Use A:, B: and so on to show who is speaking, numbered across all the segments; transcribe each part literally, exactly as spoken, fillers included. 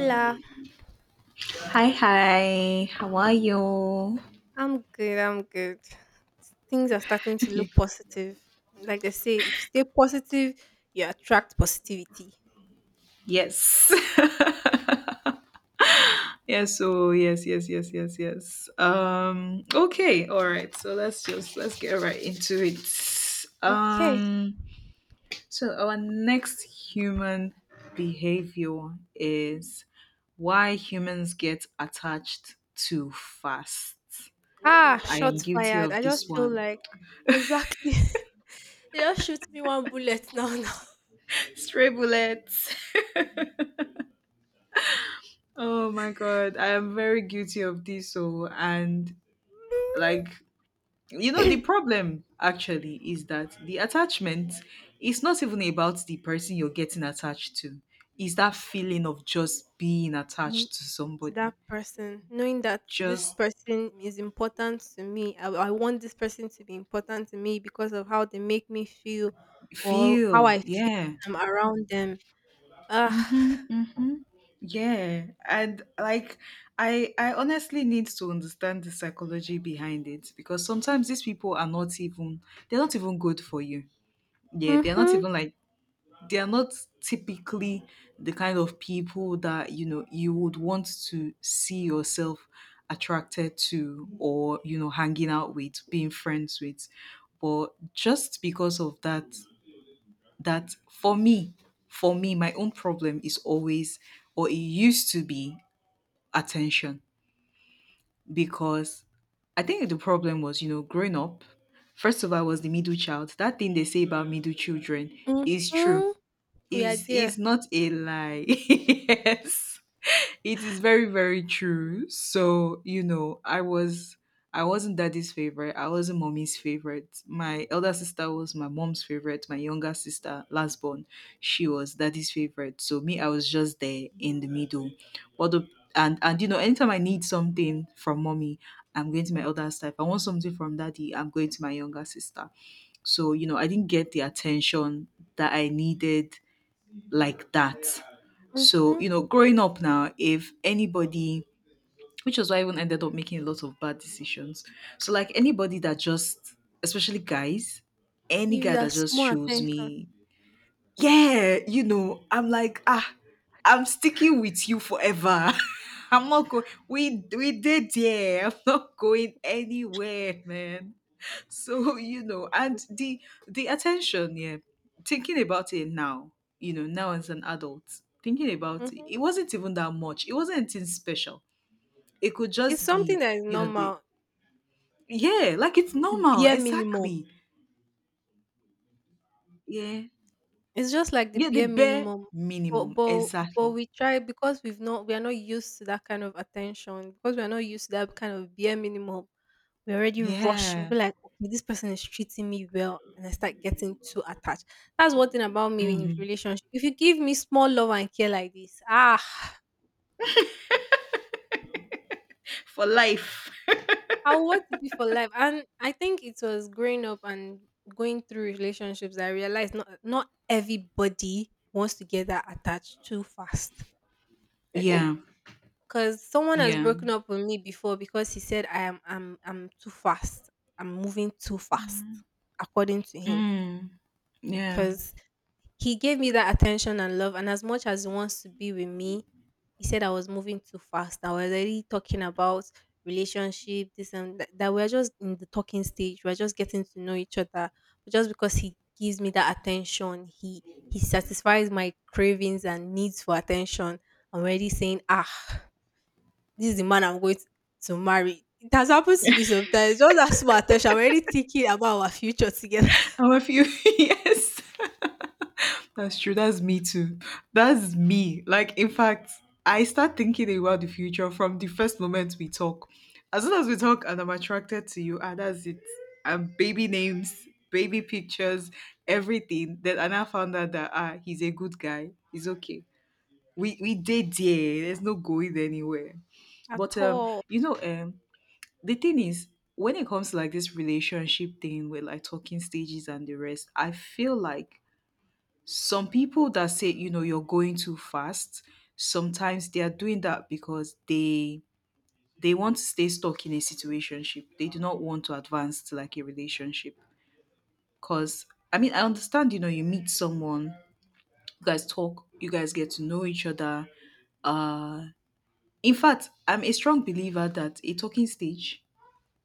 A: Hola.
B: Hi, hi. How are you?
A: I'm good. I'm good. Things are starting to look positive. Like they say, if you stay positive, you attract positivity.
B: Yes. yes, oh, yes, yes, yes, yes, yes. Um, okay, all right. So let's just let's get right into it.
A: Okay.
B: Um, so our next human behavior is why humans get attached too fast.
A: Ah,
B: I am
A: shots
B: guilty
A: fired.
B: of
A: I
B: this
A: just feel
B: one.
A: like exactly. They just shoot me one bullet now. Now.
B: Stray bullets. Oh my god, I am very guilty of this. So, and like, you know, the problem actually is that the attachment is not even about the person you're getting attached to, it's that feeling of just being attached to
A: To
B: somebody.
A: that person, knowing that this
B: Just
A: person is important to me. I, I want this person to be important to me because of how they make me feel, or how
B: feel,
A: I feel
B: yeah.
A: when I'm around them. Ah,
B: Mm-hmm, mm-hmm. Yeah, and like I I honestly need to understand the psychology behind it because sometimes these people are not even, they're not even good for you. Yeah, they're not
A: mhm,
B: even like they are not typically the kind of people that you know you would want to see yourself attracted to or you know hanging out with, being friends with. But just because of that, that for me, for me, my own problem is always, or it used to be, attention, because I think the problem was, you know, growing up, first of all, I was the middle child. That thing they say about middle children
A: mhm.
B: is true,
A: We are
B: is is
A: there.
B: not a lie. Yes. It is very, very true. So, you know, I was I wasn't daddy's favorite. I wasn't mommy's favorite. My elder sister was my mom's favorite. My younger sister, last born, she was daddy's favorite. So me, I was just there in the middle. But the and and you know, anytime I need something from mommy, I'm going to my elder sister. If I want something from daddy, I'm going to my younger sister. So, you know, I didn't get the attention that I needed like that. So,
A: Mhm.
B: you know, growing up now, if anybody, which was why I even ended up making a lot of bad decisions. So, like anybody that just, especially guys, any
A: Give you
B: guy
A: that
B: that just
A: small
B: shows
A: attention.
B: me, yeah, you know, I'm like, ah, I'm sticking with you forever. I'm not going, we, we did, yeah, I'm not going anywhere, man. So, you know and the the attention, yeah, thinking about it now, you know now as an adult thinking about it
A: Mhm.
B: it wasn't even that much. It wasn't anything special. It could
A: It's
B: just
A: something
B: be,
A: that is
B: you know the,
A: normal,
B: yeah, like it's
A: the
B: normal,
A: bare minimum.
B: exactly. Yeah.
A: It's just like the
B: Yeah, the
A: bare
B: bare
A: minimum. But
B: minimum,
A: but but
B: exactly.
A: we try because we've not we are not used to that kind of attention because we are not used to that kind of bare minimum. We already rush. We'll
B: Yeah.
A: be like, okay, this person is treating me well, and I start getting too attached. That's one thing about me in
B: Hmm.
A: relationship. If you give me small love and care like this, ah,
B: For life.
A: I want to be for life. And I think it was growing up and going through relationships, that I realized not not everybody wants to get that attached too fast.
B: Yeah.
A: Cause someone has
B: Yeah.
A: broken up with me before because he said I am I'm I'm too fast. I'm moving too fast,
B: Mm.
A: according to him.
B: Mm. Yeah,
A: Cause he gave me that attention and love, and as much as he wants to be with me, he said I was moving too fast. I was already talking about relationship, this and that, that we're just in the talking stage. We're just getting to know each other. But just because he gives me that attention, he he satisfies my cravings and needs for attention. I'm already saying, ah, this is the man I'm going to to marry. It has happened to me sometimes. Just that small attention. I'm already thinking about our future together.
B: I'm a few yes. That's true. That's me too. That's me. Like, in fact, I start thinking about the future from the first moment we talk. As soon as we talk and I'm attracted to you, and that's it. And baby names, baby pictures, everything. Then, and I now found out that ah, he's a good guy. He's okay. We we did yeah. There's no going anywhere.
A: At
B: But um,
A: all.
B: you know, um, the thing is, when it comes to like this relationship thing with like talking stages and the rest, I feel like some people that say you know you're going too fast sometimes, they are doing that because they they want to stay stuck in a situationship. They do not want to advance to like a relationship, because I mean, I understand, you know you meet someone, you guys talk, you guys get to know each other, uh in fact, I'm a strong believer that a talking stage,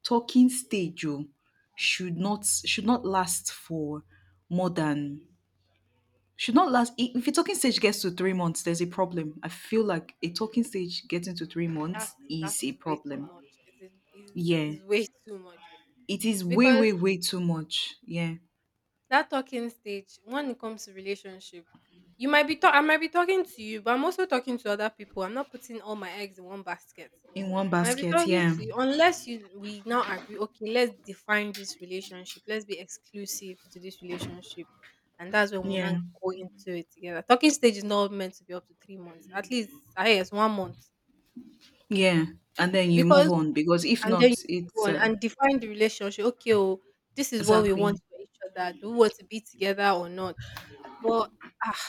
B: talking stage oh, should not, should not last for more than, should not last, i- if a talking stage gets to three months, there's a problem. I feel like a talking stage getting to three
A: That,
B: months
A: that
B: is a
A: is way too
B: problem.
A: much. It is, it is,
B: Yeah,
A: it's way too much.
B: it is way, way,
A: Because
B: way too much. Yeah,
A: that talking stage, when it comes to relationship, you might be talk I might be talking to you, but I'm also talking to other people. I'm not putting all my eggs in one basket.
B: in one
A: I might be
B: basket,
A: talking
B: yeah.
A: to you unless you we now agree, okay, let's define this relationship, let's be exclusive to this relationship, and that's when we'll
B: Yeah.
A: not go into it together. Talking stage is not meant to be up to three months. At least I guess one month.
B: Yeah, and then you
A: Because,
B: move on, because if
A: and then you
B: not,
A: move
B: it's
A: on
B: uh,
A: and define the relationship. Okay, oh, this is what we want
B: exactly.
A: for each other. Do we want to be together or not? But, ah,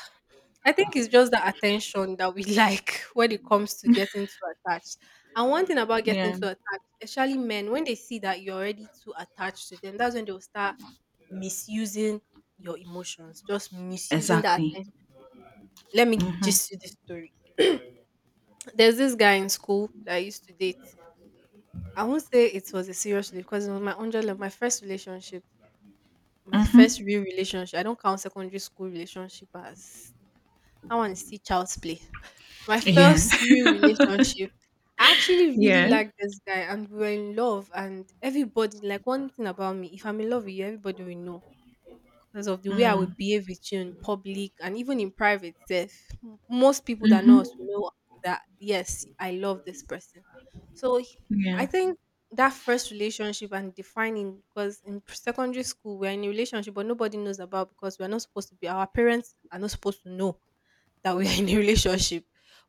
A: I think it's just the attention that we like when it comes to getting too attached. And one thing about getting
B: Yeah,
A: too attached, especially men, when they see that you're already too attached to them, that's when they'll start misusing your emotions, just misusing the
B: exactly.
A: attention. Let me
B: Mm-hmm.
A: just you this story. There's this guy in school that I used to date. I won't say it was a serious relationship because it was my hundred level, my first relationship, my first
B: Mm-hmm.
A: real relationship. I don't count secondary school relationship as That one is still child's play. My
B: Yeah.
A: first real relationship. I actually really
B: Yeah.
A: liked this guy and we were in love, and everybody, like, one thing about me, if I'm in love with you, everybody will know because of the way I would
B: Mm.
A: behave with you in public and even in private. Self. M- Most people that know us
B: Mm-hmm.
A: will know that yes, I love this person. So he- I
B: Yeah.
A: think that first relationship and defining, because in pr- secondary school, we're in a relationship but nobody knows about, because we're not supposed to be, our parents are not supposed to know that we are in a relationship.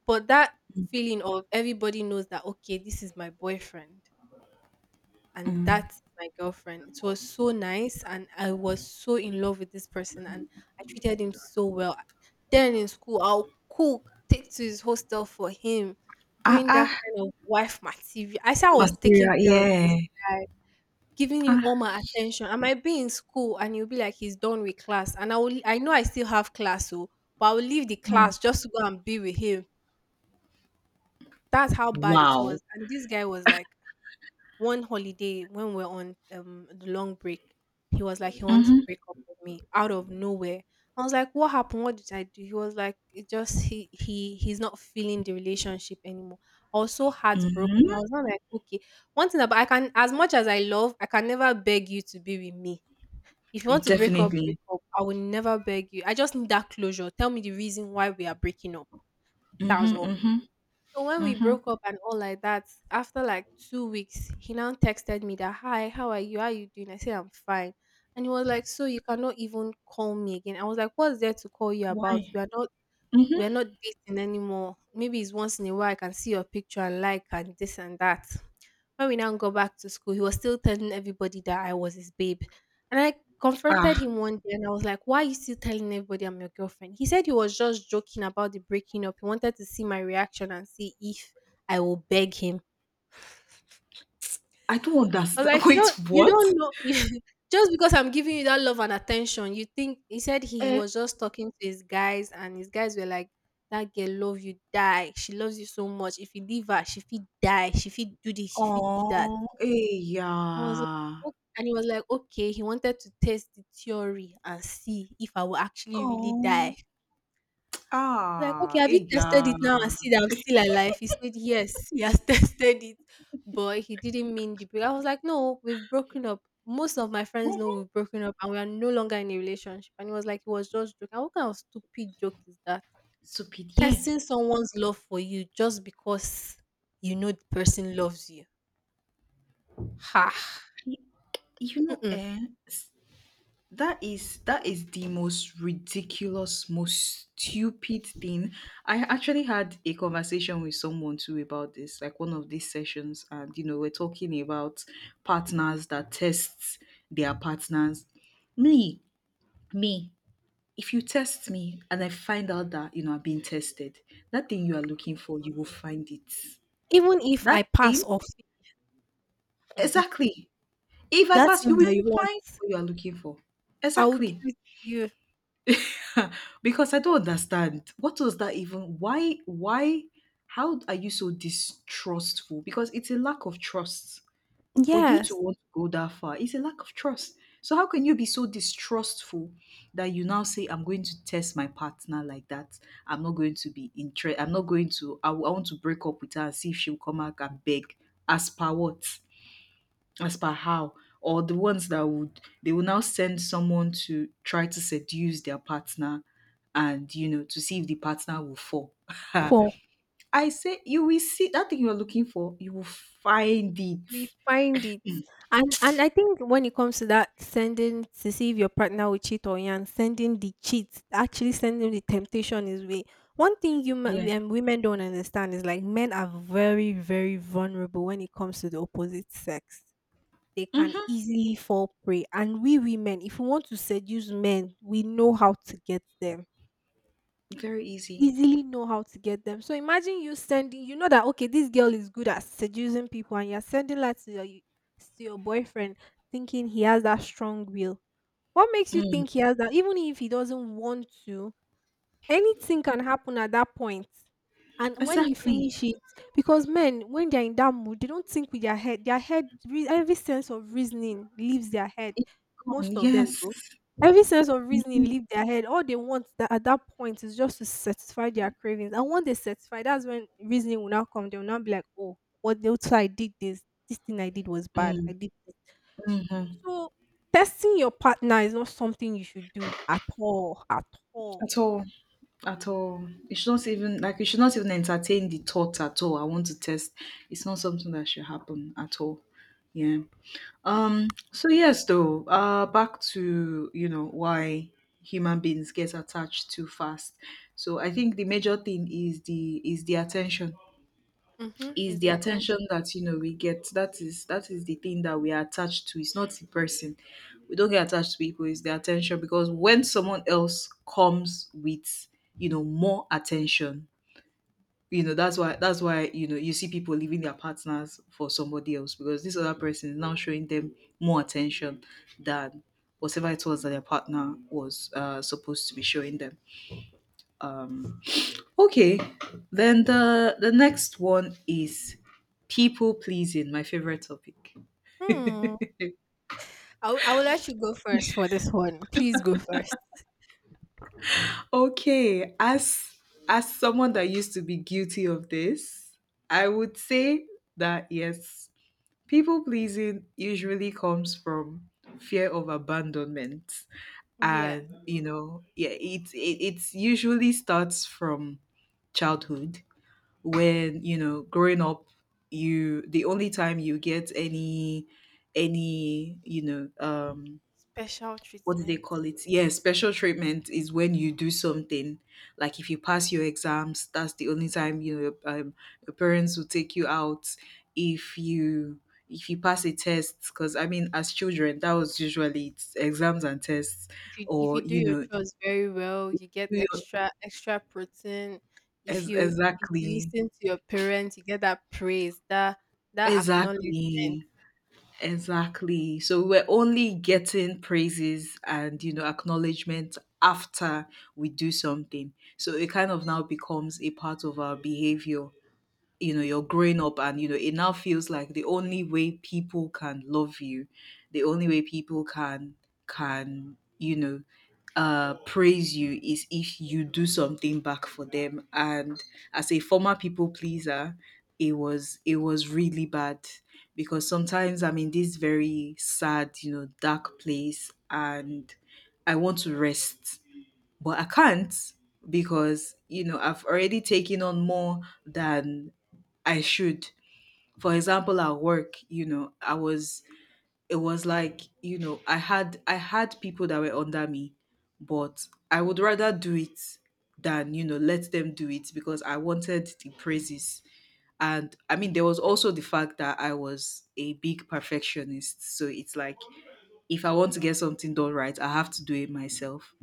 A: But that feeling of, everybody knows that, okay, this is my boyfriend and
B: Mm.
A: that is my girlfriend. It was so nice, and I was so in love with this person, and I treated him so well. Then in school, I'll cook, take to his hostel for him,
B: Ah,
A: doing
B: ah,
A: that kind of wife material. I said I was taking
B: material,
A: care of this
B: yeah.
A: guy, giving him
B: Ah,
A: all my attention. I might be in school, and he'll be like he's done with class, and I will. I know I still have class, so but I will leave the
B: mm.
A: class just to go and be with him. That's how bad it
B: Wow.
A: was. And this guy was like, one holiday when we are on um the long break, he was like he wants
B: Mm-hmm.
A: to break up with me out of nowhere. I was like, what happened? What did I do? He was like, it just he he he's not feeling the relationship anymore. I was so heartbroken. I was not like, okay. One thing about, I can, as much as I love, I can never beg you to be with me. If you want to break up, break
B: Definitely.
A: up. I will never beg you. I just need that closure. Tell me the reason why we are breaking up. That's
B: Mm-hmm.
A: all.
B: Mm-hmm.
A: So when we
B: Mm-hmm.
A: broke up and all like that, after like two weeks, he now texted me that hi, how are you? How are you doing? I said I'm fine. And he was like, so you cannot even call me again. I was like, what's there to call you about?
B: Why?
A: We are not we
B: Mm-hmm.
A: are not dating anymore. Maybe it's once in a while I can see your picture and like and this and that. When we now got back to school, he was still telling everybody that I was his babe. And I confronted
B: Ah,
A: him one day and I was like, why are you still telling everybody I'm your girlfriend? He said he was just joking about the breaking up. He wanted to see my reaction and see if I will beg him.
B: I don't
A: I was
B: understand.
A: like, you
B: Wait,
A: don't you
B: what?
A: don't know you- just because I'm giving you that love and attention, you think, he said he
B: Eh.
A: was just talking to his guys and his guys were like, that girl love you die. She loves you so much. If you leave her, she feel die. She feel do this. She feel do that.
B: Oh, eh,
A: I was like,
B: yeah.
A: "Oh," and he was like, okay, he wanted to test the theory and see if I will actually really die.
B: Oh,
A: Like, okay,
B: ah,
A: have you
B: eh,
A: tested
B: yeah.
A: it now and see that I'm still alive? He said, yes, he has tested it, but he didn't mean the break. I was like, no, we've broken up. Most of my friends know
B: Mhm.
A: we've broken up and we are no longer in a relationship. And he was like, he was just joking. What kind of stupid joke is that?
B: Stupid, yeah.
A: Testing someone's love for you just because you know the person loves you. Ha.
B: You know,
A: Mm-mm.
B: eh, that is that is the most ridiculous, most stupid thing. I actually had a conversation with someone too about this, like one of these sessions, and you know, we're talking about partners that test their partners. Me, me, if you test me and I find out that you know I'm being tested, that thing you are looking for, you will find it.
A: Even if I
B: That
A: pass
B: thing,
A: off,
B: exactly. If I
A: that
B: pass,
A: thing
B: you will
A: that you want.
B: find what you are looking for.
A: I will give
B: Exactly.
A: it to you.
B: Because I don't understand. What was that even? Why? Why? How are you so distrustful? Because it's a lack of trust for you to
A: Yes.
B: want to go that far. It's a lack of trust. So how can you be so distrustful that you now say, "I'm going to test my partner like that. I'm not going to be interested. I'm not going to. I, w- I want to break up with her and see if she'll come back and beg." As per what? As per how? Or the ones that would, they will now send someone to try to seduce their partner, and you know to see if the partner will fall.
A: For
B: I say, you will see, that thing you're looking for, you will find
A: you will
B: it.
A: find it. And and I think when it comes to that sending to see if your partner will cheat on you, and sending the cheat, actually sending the temptation his way. One thing you ma-
B: Yeah.
A: we- um, women don't understand is like men are very very vulnerable when it comes to the opposite sex. They can
B: Mm-hmm.
A: easily fall prey, and we women, if we want to seduce men, we know how to get them.
B: Very easy.
A: Easily know how to get them. So imagine you sending, you know that, okay, this girl is good at seducing people, and you're sending that to your to your boyfriend, thinking he has that strong will. What makes you
B: Mm.
A: think he has that? Even if he doesn't want to, anything can happen at that point. And when you
B: Exactly.
A: finish it, because men, when they're in that mood, they don't think with their head. Their head, re- every sense of reasoning leaves their head.
B: It's gone,
A: Most of them
B: yes.
A: do. Every sense of reasoning leaves their head. All they want that at that point is just to satisfy their cravings. And once they satisfy, that's when reasoning will now come. They will now be like, oh, what the so I did this. This thing I did was bad.
B: Mm.
A: I did this.
B: Mm-hmm.
A: So testing your partner is not something you should do at all. At all.
B: At all, at all, you should not even, like, you should not even entertain the thought at all. I want to test, it's not something that should happen at all. Yeah. Um, so yes, though, uh, back to, you know, why human beings get attached too fast. So I think the major thing is the is the attention.
A: Mhm.
B: Is
A: It's
B: the
A: the
B: attention
A: attention.
B: that, you know, we get. That is that is the thing that we are attached to. It's not the person. We don't get attached to people, it's the attention, because when someone else comes with, you know, more attention, you know that's why that's why you know you see people leaving their partners for somebody else, because this other person is now showing them more attention than whatever it was that their partner was uh, supposed to be showing them. um okay. Then the the next one is people pleasing, my favorite topic.
A: Hmm. I will, I will let you go first for this one. Please go first.
B: Okay, as as someone that used to be guilty of this, I would say that yes, people pleasing usually comes from fear of abandonment.
A: Yeah.
B: And, you know, yeah, it, it, it usually starts from childhood when, you know, growing up, you, the only time you get any, any, you know, um,
A: Special
B: what do they
A: treatment.
B: call it? Yeah, special treatment is when you do something. Like, if you pass your exams, that's the only time, you um, your parents will take you out. If you if you pass a test, because I mean, as children, that was usually, it's exams and tests,
A: If you if you
B: or
A: do
B: you
A: your
B: know,
A: chores very well, you get
B: you-
A: extra extra protein. If
B: ex-
A: you, if you
B: exactly,
A: listen to your parents, you get that praise, that that acknowledgement.
B: exactly. Exactly. So we're only getting praises and you know acknowledgement after we do something. So it kind of now becomes a part of our behavior. You know you're growing up and you know it now feels like the only way people can love you, the only way people can, can you know uh praise you, is if you do something back for them. And as a former people pleaser, it was it was really bad, because sometimes I'm in this very sad, you know dark place and I want to rest, but I can't, because you know I've already taken on more than I should. For example, at work, you know, I was it was like, you know, I had I had people that were under me, but I would rather do it than, you know, let them do it, because I wanted the praises. And I mean, there was also the fact that I was a big perfectionist. So it's like, if I want to get something done right, I have to do it myself.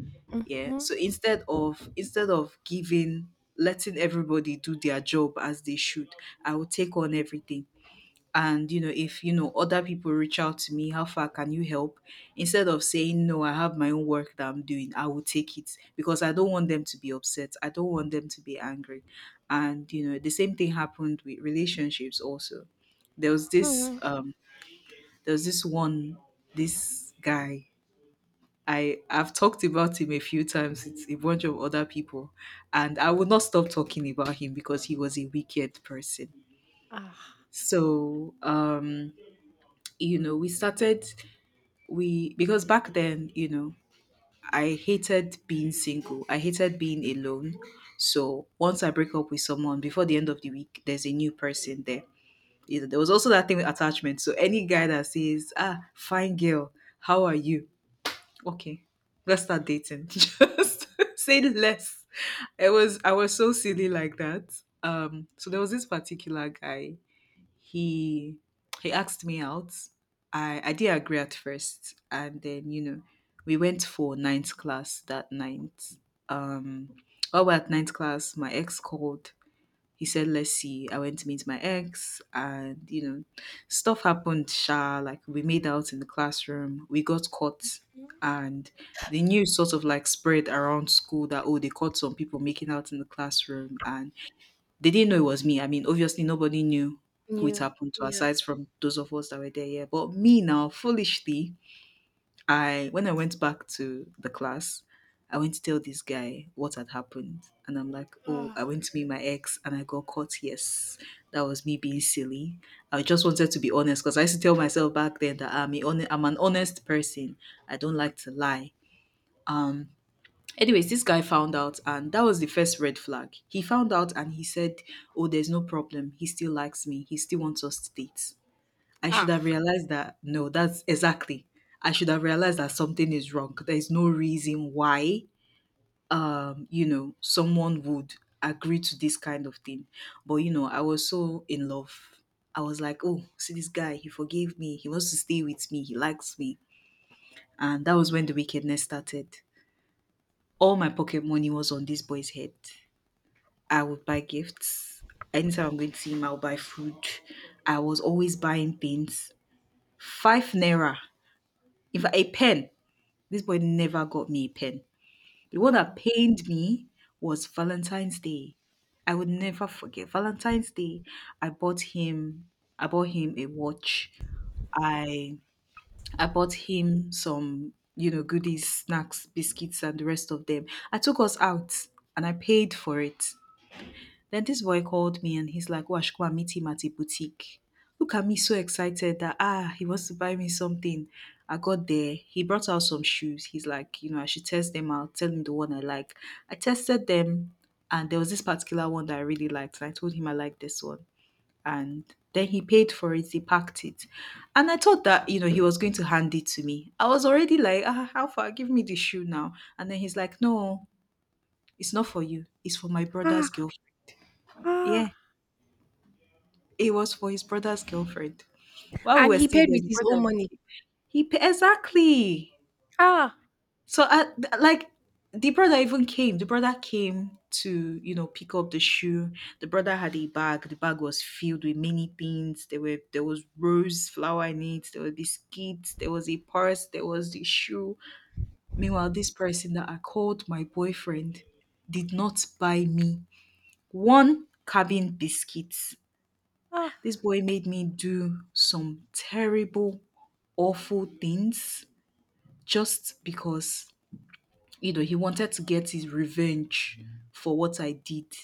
B: Yeah.
A: Mm-hmm.
B: So instead of instead of giving letting everybody do their job as they should, I would take on everything, and you know if you know other people reach out to me, how far can you help? Instead of saying no, I have my own work that I'm doing, I will take it because I don't want them to be upset. I don't want them to be angry. And you know, the same thing happened with relationships also. There was this
A: Hmm.
B: um there was this one this guy. I i've talked about him a few times with a bunch of other people, and I would not stop talking about him because he was a wicked person.
A: Ah,
B: So um you know we started we Because back then, you know I hated being single. I hated being alone. So once I break up with someone, before the end of the week, there's a new person there. You know, there was also that thing with attachment. So any guy that says, "Ah, fine girl, how are you? Okay, let's start dating," just say less. It was I was so silly like that. Um so there was this particular guy. He he asked me out. I I did agree at first, and then, you know, we went for ninth class that night. Um, while we're at ninth class, my ex called. He said, "Let's see." I went to meet my ex, and, you know, stuff happened. Sha, like, we made out in the classroom. We got caught, and the news sort of like spread around school that, oh, they caught some people making out in the classroom, and they didn't know it was me. I mean, obviously, nobody knew who it
A: you,
B: happened to
A: yeah.
B: aside from those of us that were there, yeah. But me, now, foolishly, I when I went back to the class, I went to tell this guy what had happened. And I'm like, "Oh, I
A: Ah,
B: went to meet my ex and I got caught." Yes, that was me being silly. I just wanted to be honest because I used to tell myself back then that I'm, a hone- I'm an honest person. I don't like to lie. Um, Anyways, this guy found out, and that was the first red flag. He found out and he said, "Oh, there's no problem." He still likes me. He still wants us to date. I should have
A: ah,
B: realized that. No, that's exactly— I should have realized that something is wrong. There's no reason why, um, you know, someone would agree to this kind of thing. But, you know, I was so in love. I was like, "Oh, see this guy. He forgave me. He wants to stay with me. He likes me." And that was when the wickedness started. All my pocket money was on this boy's head. I would buy gifts. Anytime I'm going to see him, I'll buy food. I was always buying things. Five naira. If a pen, this boy never got me a pen. The one that
A: wow.
B: pained me was Valentine's Day. I would never forget Valentine's Day. I bought him— I bought him a watch. I I bought him some, you know, goodies, snacks, biscuits, and the rest of them. I took us out and I paid for it. Then this boy called me and he's like, "Oh, I should go and meet him at a boutique." Look at me so excited that, ah, he wants to buy me something. I got there. He brought out some shoes. He's like, "You know, I should test them out, tell him the one I like." I tested them, and there was this particular one that I really liked. And I told him, "I like this one." And then he paid for it, he packed it. And I thought that, you know, he was going to hand it to me. I was already like, "Ah, how far? Give me the shoe now." And then he's like, "No, it's not for you. It's for my brother's
A: Ah,
B: girlfriend."
A: ah.
B: Yeah. It was for his brother's girlfriend. While
A: And
B: we were
A: he
B: still
A: paid
B: there,
A: with
B: the
A: his
B: brother
A: own money.
B: even came. He pa- exactly.
A: Ah,
B: So I th- like, the brother even came. The brother came to, you know, pick up the shoe. The brother had a bag. The bag was filled with many things. There were there was rose flower in it. There were biscuits. There was a purse. There was the shoe. Meanwhile, this person that I called my boyfriend did not buy me one cabin biscuits.
A: ah,
B: This boy made me do some terrible, awful things just because, you know, he wanted to get his revenge for what I did.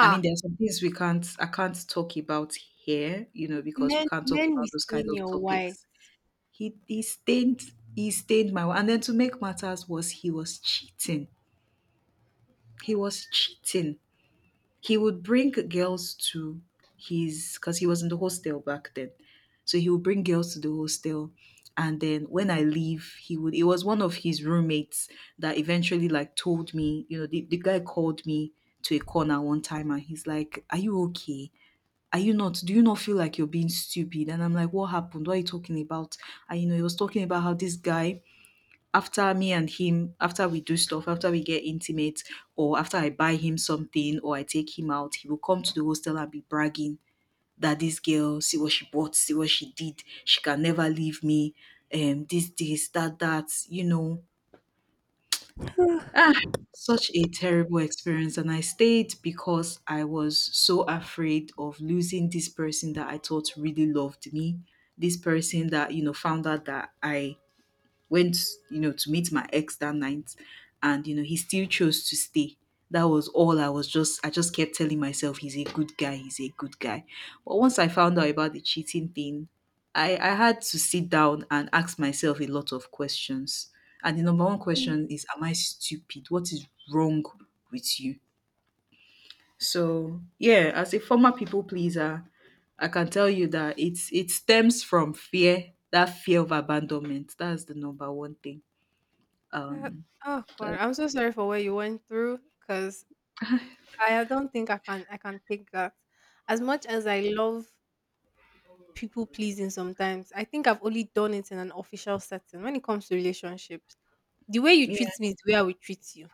B: I mean, there are some things we can't— I can't talk about here, you know, because we
A: Men,
B: can't talk
A: men will
B: about those kind
A: stain
B: of
A: your white.
B: topics. He, he stained he stained my— and then to make matters worse, he was cheating. He was cheating. He would bring girls to his— because he was in the hostel back then. So he would bring girls to the hostel. And then when I leave, he would— it was one of his roommates that eventually like told me, you know, the, the guy called me to a corner one time and he's like, "Are you okay? Are you not? Do you not feel like you're being stupid?" And I'm like, "What happened? What are you talking about?" And, you know, he was talking about how this guy, after me and him, after we do stuff, after we get intimate, or after I buy him something or I take him out, he will come to the hostel and be bragging that, "This girl, see what she bought, see what she did, she can never leave me," um, this, this, that, that, you know. Ah, such a terrible experience. And I stayed because I was so afraid of losing this person that I thought really loved me, this person that, you know, found out that I went, you know, to meet my ex that night, and, you know, he still chose to stay. That was all— I was just I just kept telling myself, "He's a good guy, he's a good guy." But once I found out about the cheating thing, I, I had to sit down and ask myself a lot of questions. And the number one
A: Mm.
B: question is, "Am I stupid? What is wrong with you?" So, yeah, as a former people pleaser, I can tell you that it's it stems from fear, that fear of abandonment. That's the number one thing.
A: That,
B: Um,
A: oh God,
B: that,
A: I'm so sorry for what you went through, cause I don't think I can I can take that. As much as I love people pleasing sometimes, I think I've only done it in an official setting. When it comes to relationships, the way you
B: yeah.
A: treat me is the way I will treat you.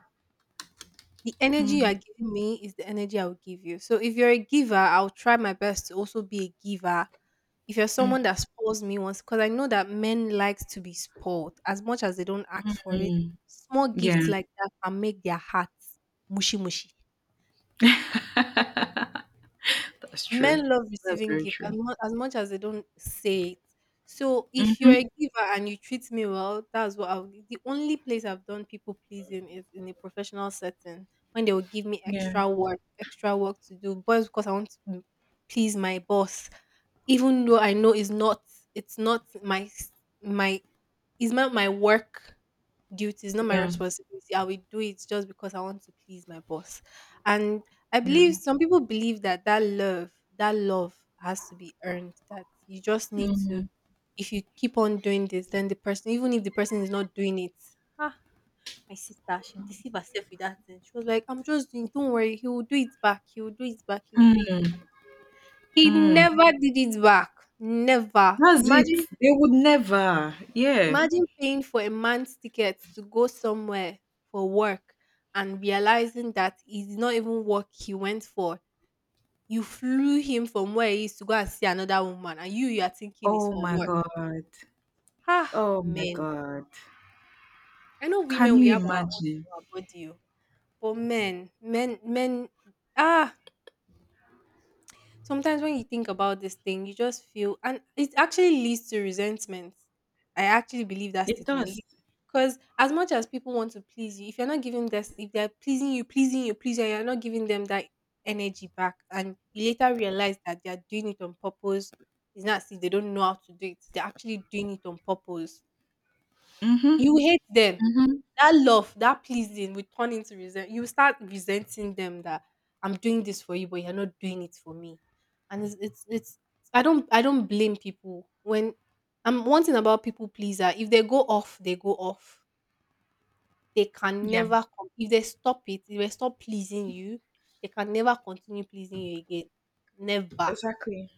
A: The energy you are
B: Mm,
A: giving me is the energy I will give you. So if you're a giver, I'll try my best to also be a giver. If you're someone that spoils me once, because I know that men likes to be spoiled as much as they don't ask for it,
B: mhm.
A: small
B: Yeah.
A: gifts like that can make their hearts mushy mushy.
B: That's true.
A: Men love
B: That's
A: receiving
B: very
A: gifts as
B: true.
A: much as much as they don't say it. So if you're a
B: Hmm.
A: giver and you treat me well, that's what I'll the only place I've done people pleasing is in a professional setting when they will give me
B: Yeah.
A: extra work, extra work to do, but it's because I want to m- please my boss, even though I know it's not it's not my s- my it's not my work duty, it's not my
B: Yeah.
A: responsibility. I will do it just because I want to please my boss. And I
B: Yeah.
A: believe some people believe that that love, that love has to be earned. That you just need to,
B: Hmm.
A: if you keep on doing this, then the person, even if the person is not doing it, ah, my sister, she deceived herself with that thing. She was like, "I'm just doing. Don't worry, he will do it back. He will do it back. He will do it."
B: Mm.
A: He
B: Mm.
A: never did it back. Never.
B: That's it.
A: Imagine,
B: They would never. Yeah.
A: imagine paying for a month's ticket to go somewhere for work and realizing that it's not even work he went for. You flew him from where he is to go and see another woman, and you you are thinking it's
B: Oh
A: for
B: my
A: work.
B: God.
A: Ah,
B: Oh my
A: men.
B: God.
A: I know
B: Can
A: women we
B: you
A: have our own
B: imagine?
A: in our body, oh, but men, men, men. Ah, sometimes when you think about this thing, you just feel, and it actually leads to resentment. I actually believe that
B: It
A: statement
B: does.
A: because as much as people want to please you, if you're not giving this, if they're pleasing you, pleasing you, pleasing you, you're not giving them that energy back, and you later realize that they're doing it on purpose. It's not as if they don't know how to do it; they're actually doing it on purpose.
B: Hmm.
A: You hate them that love, that pleasing will turn into resent. You start resenting them that I'm doing this for you, but you're not doing it for me. And it's it's it's I don't I don't blame people when I'm one thing about people pleaser. If they go off, they go off. They can
B: Yeah.
A: never come. If they stop it, if they stop pleasing you, they can never continue pleasing you again. Never.
B: Exactly.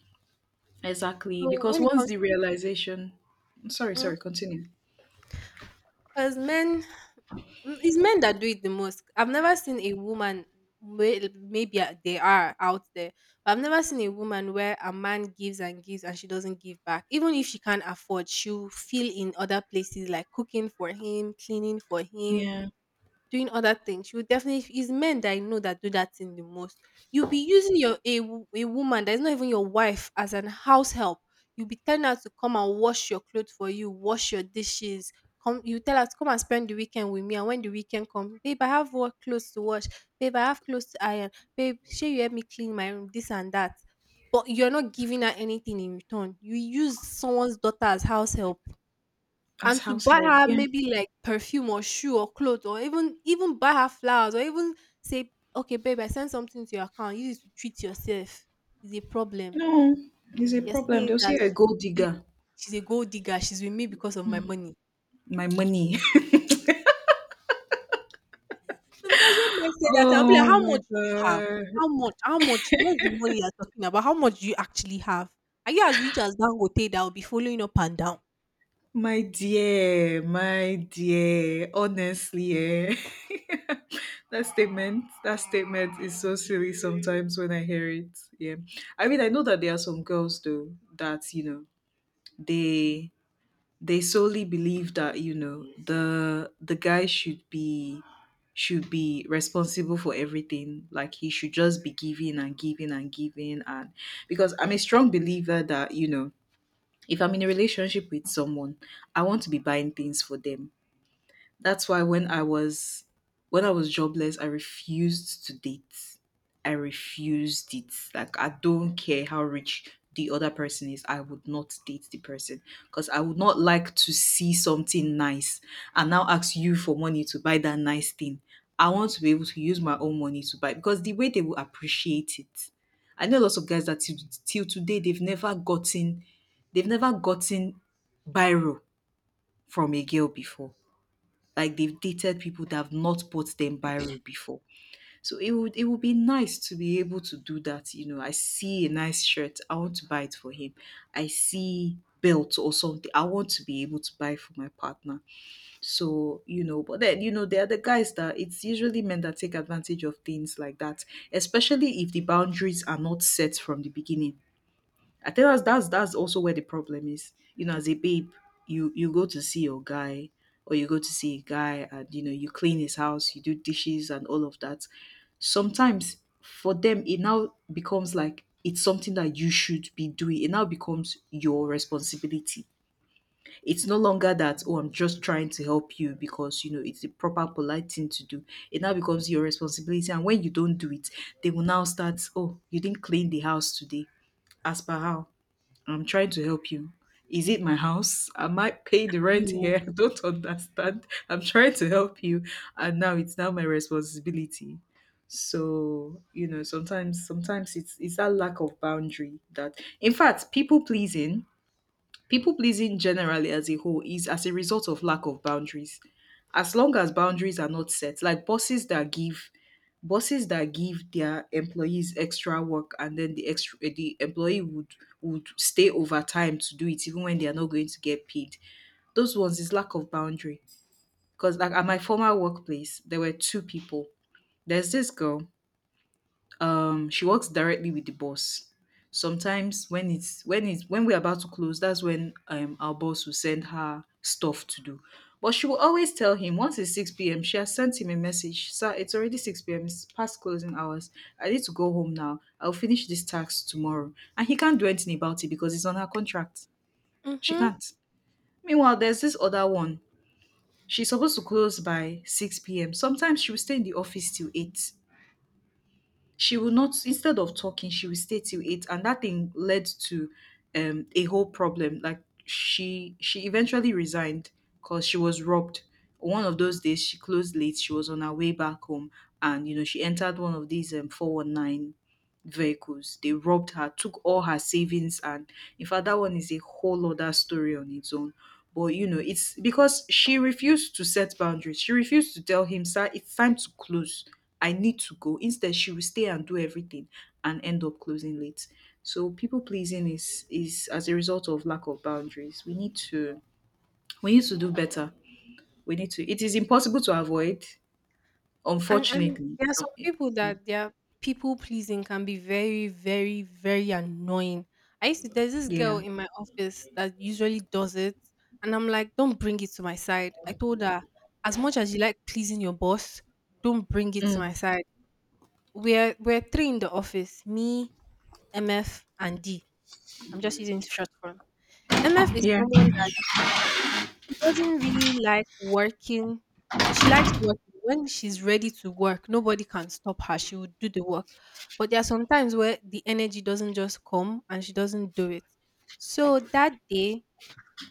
B: Exactly.
A: So
B: Because
A: when it
B: once
A: comes
B: the realization— sorry,
A: to
B: sorry, continue.
A: because men, mm, it's men that do it the most. I've never seen a woman. may- Maybe uh, they are out there, but I've never seen a woman where a man gives and gives and she doesn't give back. Even if she can't afford, she'll feel in other places like cooking for him, cleaning for him,
B: Yeah.
A: doing other things. She would definitely it's men that I know that do that thing the most. You'll be using your a, wo- a woman that is not even your wife as an house help. You'll be telling her to come and wash your clothes for you, wash your dishes. Come, you tell her to come and spend the weekend with me. And when the weekend comes, babe, I have work clothes to wash. Babe, I have clothes to iron. Babe, sure you help me clean my room, this and that. But you're not giving her anything in return. You use someone's daughter as house help
B: As
A: and to
B: house
A: buy
B: help.
A: her
B: Yeah.
A: maybe like perfume or shoe or clothes or even even buy her flowers or even say, okay, babe, I sent something to your account, use it to treat yourself, is a problem.
B: No, it's a
A: You're
B: problem.
A: seeing it
B: They'll say you're a
A: as she's,
B: gold
A: she,
B: digger.
A: she's a gold digger, she's with me because of my money.
B: My money.
A: Sometimes when men say that, I'll be like,
B: Oh
A: how
B: my
A: much do you have?
B: God.
A: How much how much where's the money you're talking about? How much do you actually have? Are you as rich as Dangote that will be following up and down?
B: My dear, my dear. Honestly, eh. That statement, that statement is so silly sometimes when I hear it. Yeah. I mean, I know that there are some girls though that, you know, they— they solely believe that, you know, the the guy should be— should be responsible for everything, like he should just be giving and giving and giving. And because I'm a strong believer that, you know, if I'm in a relationship with someone, I want to be buying things for them. That's why when I was when I was jobless, I refused to date. I refused it. Like, I don't care how rich the other person is. I would not date the person because I would not like to see something nice and now ask you for money to buy that nice thing. I want to be able to use my own money to buy, because the way they will appreciate it. I know lots of guys that, till, till today, they've never gotten they've never gotten biro from a girl before, like they've dated people that have not bought them Biro before. So it would it would be nice to be able to do that. You know, I see a nice shirt, I want to buy it for him. I see belt or something, I want to be able to buy for my partner. So, you know, but then, you know, there are the guys that— it's usually men that take advantage of things like that, especially if the boundaries are not set from the beginning. I think that's that's that's also where the problem is. You know, as a babe, you you go to see your guy, or you go to see a guy, and, you know, you clean his house, you do dishes and all of that. Sometimes for them it now becomes like it's something that you should be doing. It now becomes your responsibility. It's no longer that, oh, I'm just trying to help you because, you know, it's the proper polite thing to do. It now becomes your responsibility, and when you don't do it, they will now start, "Oh, you didn't clean the house today. As per how." I'm trying to help you. Is it my house? Am I paying the rent
A: You
B: here? I don't understand. I'm trying to help you. And now it's now my responsibility. So, you know, sometimes sometimes it's it's that lack of boundary— that in fact, people pleasing, people pleasing generally as a whole is as a result of lack of boundaries. As long as boundaries are not set, like bosses that give bosses that give their employees extra work, and then the extra, eh, the employee would— would stay over time to do it even when they are not going to get paid. Those ones is lack of boundary. Because, like, at my former workplace there were two people. There's this girl, um, she works directly with the boss. Sometimes when it's when it's when we're about to close, that's when, um, our boss will send her stuff to do. But she will always tell him, once it's six p m p.m, she has sent him a message, "Sir, it's already six p m p.m, it's past closing hours. I need to go home now. I'll finish this task tomorrow." And he can't do anything about it because it's on her contract. She
A: mhm.
B: can't. Meanwhile, there's this other one. She's supposed to close by six p m p.m, sometimes she will stay in the office till eight. She will not— instead of talking, she will stay till eight, and that thing led to, um, a whole problem. Like, she she eventually resigned because she was robbed. One of those days she closed late, she was on her way back home, and, you know, she entered one of these, um, four one nine vehicles. They robbed her, took all her savings, and, in fact, that one is a whole other story on its own. But, you know, it's because she refused to set boundaries. She refused to tell him, "Sir, it's time to close. I need to go." Instead, she will stay and do everything and end up closing late. So people pleasing is is as a result of lack of boundaries. We need to we need to do better. We need to. It is impossible to avoid,
A: And and
B: unfortunately.
A: there are
B: So,
A: some
B: it—
A: people that their people pleasing can be very, very, very annoying. I used to there's this girl
B: Yeah.
A: in my office that usually does it, and I'm like, don't bring it to my side. I told her, as much as you like pleasing your boss, don't bring it to my
B: Mm.
A: side. We're we're three in the office, me, M F, and D. I'm just using short form. M F is
B: Yeah.
A: someone doesn't really like working. She likes working. When she's ready to work, nobody can stop her. She will do the work. But there are some times where the energy doesn't just come and she doesn't do it. So that day,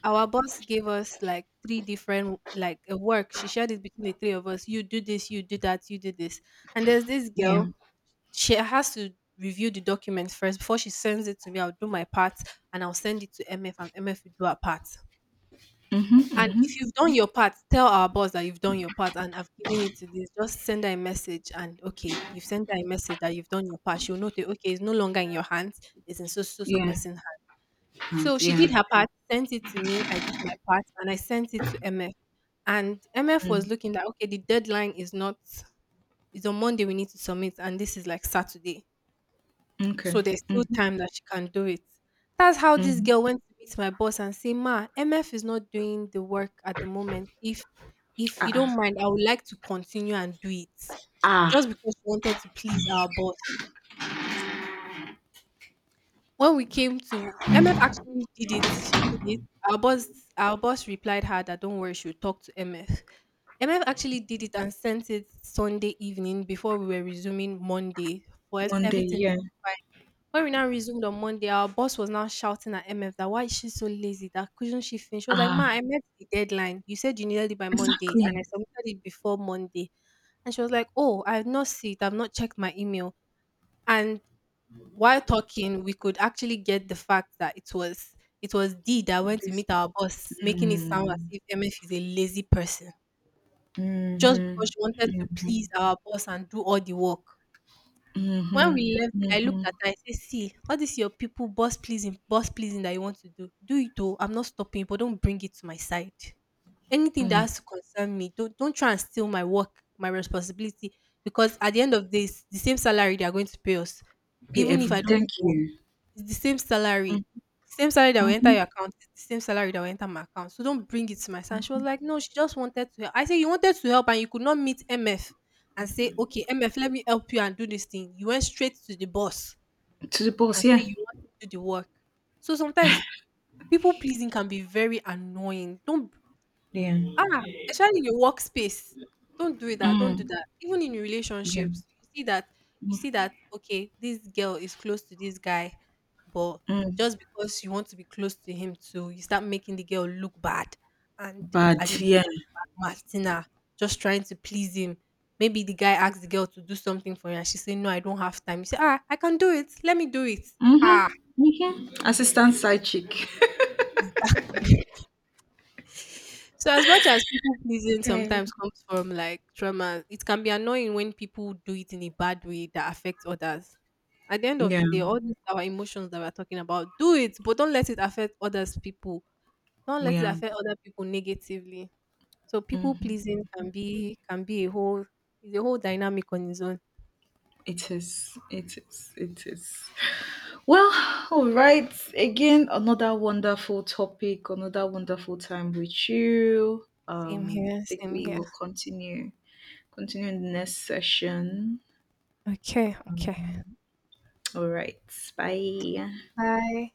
A: our boss gave us like three different like uh, work. She shared it between the three of us. You do this, you do that, you do this. And there's this
B: Yeah.
A: girl, she has to review the documents first before she sends it to me. I'll do my part and I'll send it to M F and M F will do her part.
B: Hmm.
A: And if you've done your part, tell our boss that you've done your part and I've given it to this. Just send her a message and okay, you've sent her a message that you've done your part. She'll note it, okay, it's no longer in your hands, it's in so so so
B: Yeah.
A: person's hand.
B: And
A: So she
B: yeah.
A: did her part, sent it to me, I did my part, and I sent it to M F. And M F was
B: Mm.
A: looking that okay, the deadline is not it's on Monday we need to submit, and this is like Saturday.
B: Okay.
A: So there's still
B: Mhm.
A: time that she can do it. That's how this
B: Mhm.
A: girl went to meet my boss and say, Ma, M F is not doing the work at the moment. If if
B: Ah.
A: you don't
B: Ah,
A: mind, I would like to continue and do it. Just
B: ah.
A: because she wanted to please our boss. When we came to M F actually did it, she did it. Our boss our boss replied her that don't worry, she'll talk to M F. M F actually did it and sent it Sunday evening before we were resuming Monday for us
B: One day.
A: everything.
B: Yeah.
A: When we now resumed on Monday, our boss was now shouting at M F that why is she so lazy? That couldn't she finish? She was like, Ma,
B: Ah,
A: I met the deadline. You said you needed it by Monday and
B: exactly.
A: I submitted it before Monday. And she was like, oh, I've not seen it, I've not checked my email. And while talking, we could actually get the fact that it was it was D that went to
B: This.
A: meet our boss, making it sound as
B: Mm,
A: if M F is a lazy person. Just
B: mm-hmm,
A: because she wanted to please our boss and do all the work. When
B: mm-hmm,
A: we left there, I looked at her, I said, see, all this your people boss pleasing, boss pleasing that you want to do, do it though. I'm not stopping, but don't bring it to my side. Anything that
B: mm-hmm.
A: has to concern me, don't don't try and steal my work, my responsibility. Because at the end of this, the same salary they are going to pay us.
B: Pay
A: Even if I
B: every.
A: don't do
B: Thank
A: the work.
B: you.
A: It's the same salary. The same salary that will enter
B: Mm-hmm.
A: your account is the same salary that will enter my account. So don't bring it to my son. She was like, no, she just wanted to help. I said, you wanted to help and you could not meet M F and say, okay, M F, let me help you and do this thing. You went straight to the boss
B: To the
A: and
B: boss,
A: say
B: yeah.
A: you want to do the work. So sometimes people pleasing can be very annoying. Don't
B: Yeah.
A: ah, especially in your workspace. Don't do that, don't do
B: Mm,
A: that. Even in your
B: yeah.
A: relationships, you see that you see that okay, this girl is close to this guy, but
B: Mm.
A: just because you want to be close to him too, you start making the girl look bad and and you
B: But yeah.
A: start matching her, just trying to please him. Maybe the guy asks the girl to do something for you and she say, no, I don't have time. You say, ah, I can do it. Let me do it. Ha,
B: Mm-hmm. Mm-hmm. Assistant side chick.
A: exactly. So as much as people pleasing
B: Hey.
A: sometimes comes from like trauma, it can be annoying when people do it in a bad way that affects others. At the end of
B: Yeah.
A: the day, all these our emotions that we're talking about, do it, but don't let it affect others people. Don't let it
B: Yeah.
A: affect other people negatively. So people
B: Mm-hmm.
A: pleasing can be can be a whole is a whole dynamic on its own.
B: It is. It is. It is. Well, all right. Again, another wonderful topic, another wonderful time with you.
A: Same
B: Um, I
A: here,
B: think
A: same
B: we
A: here.
B: will continue— continue in the next session.
A: Okay, okay.
B: All right. Bye.
A: Bye.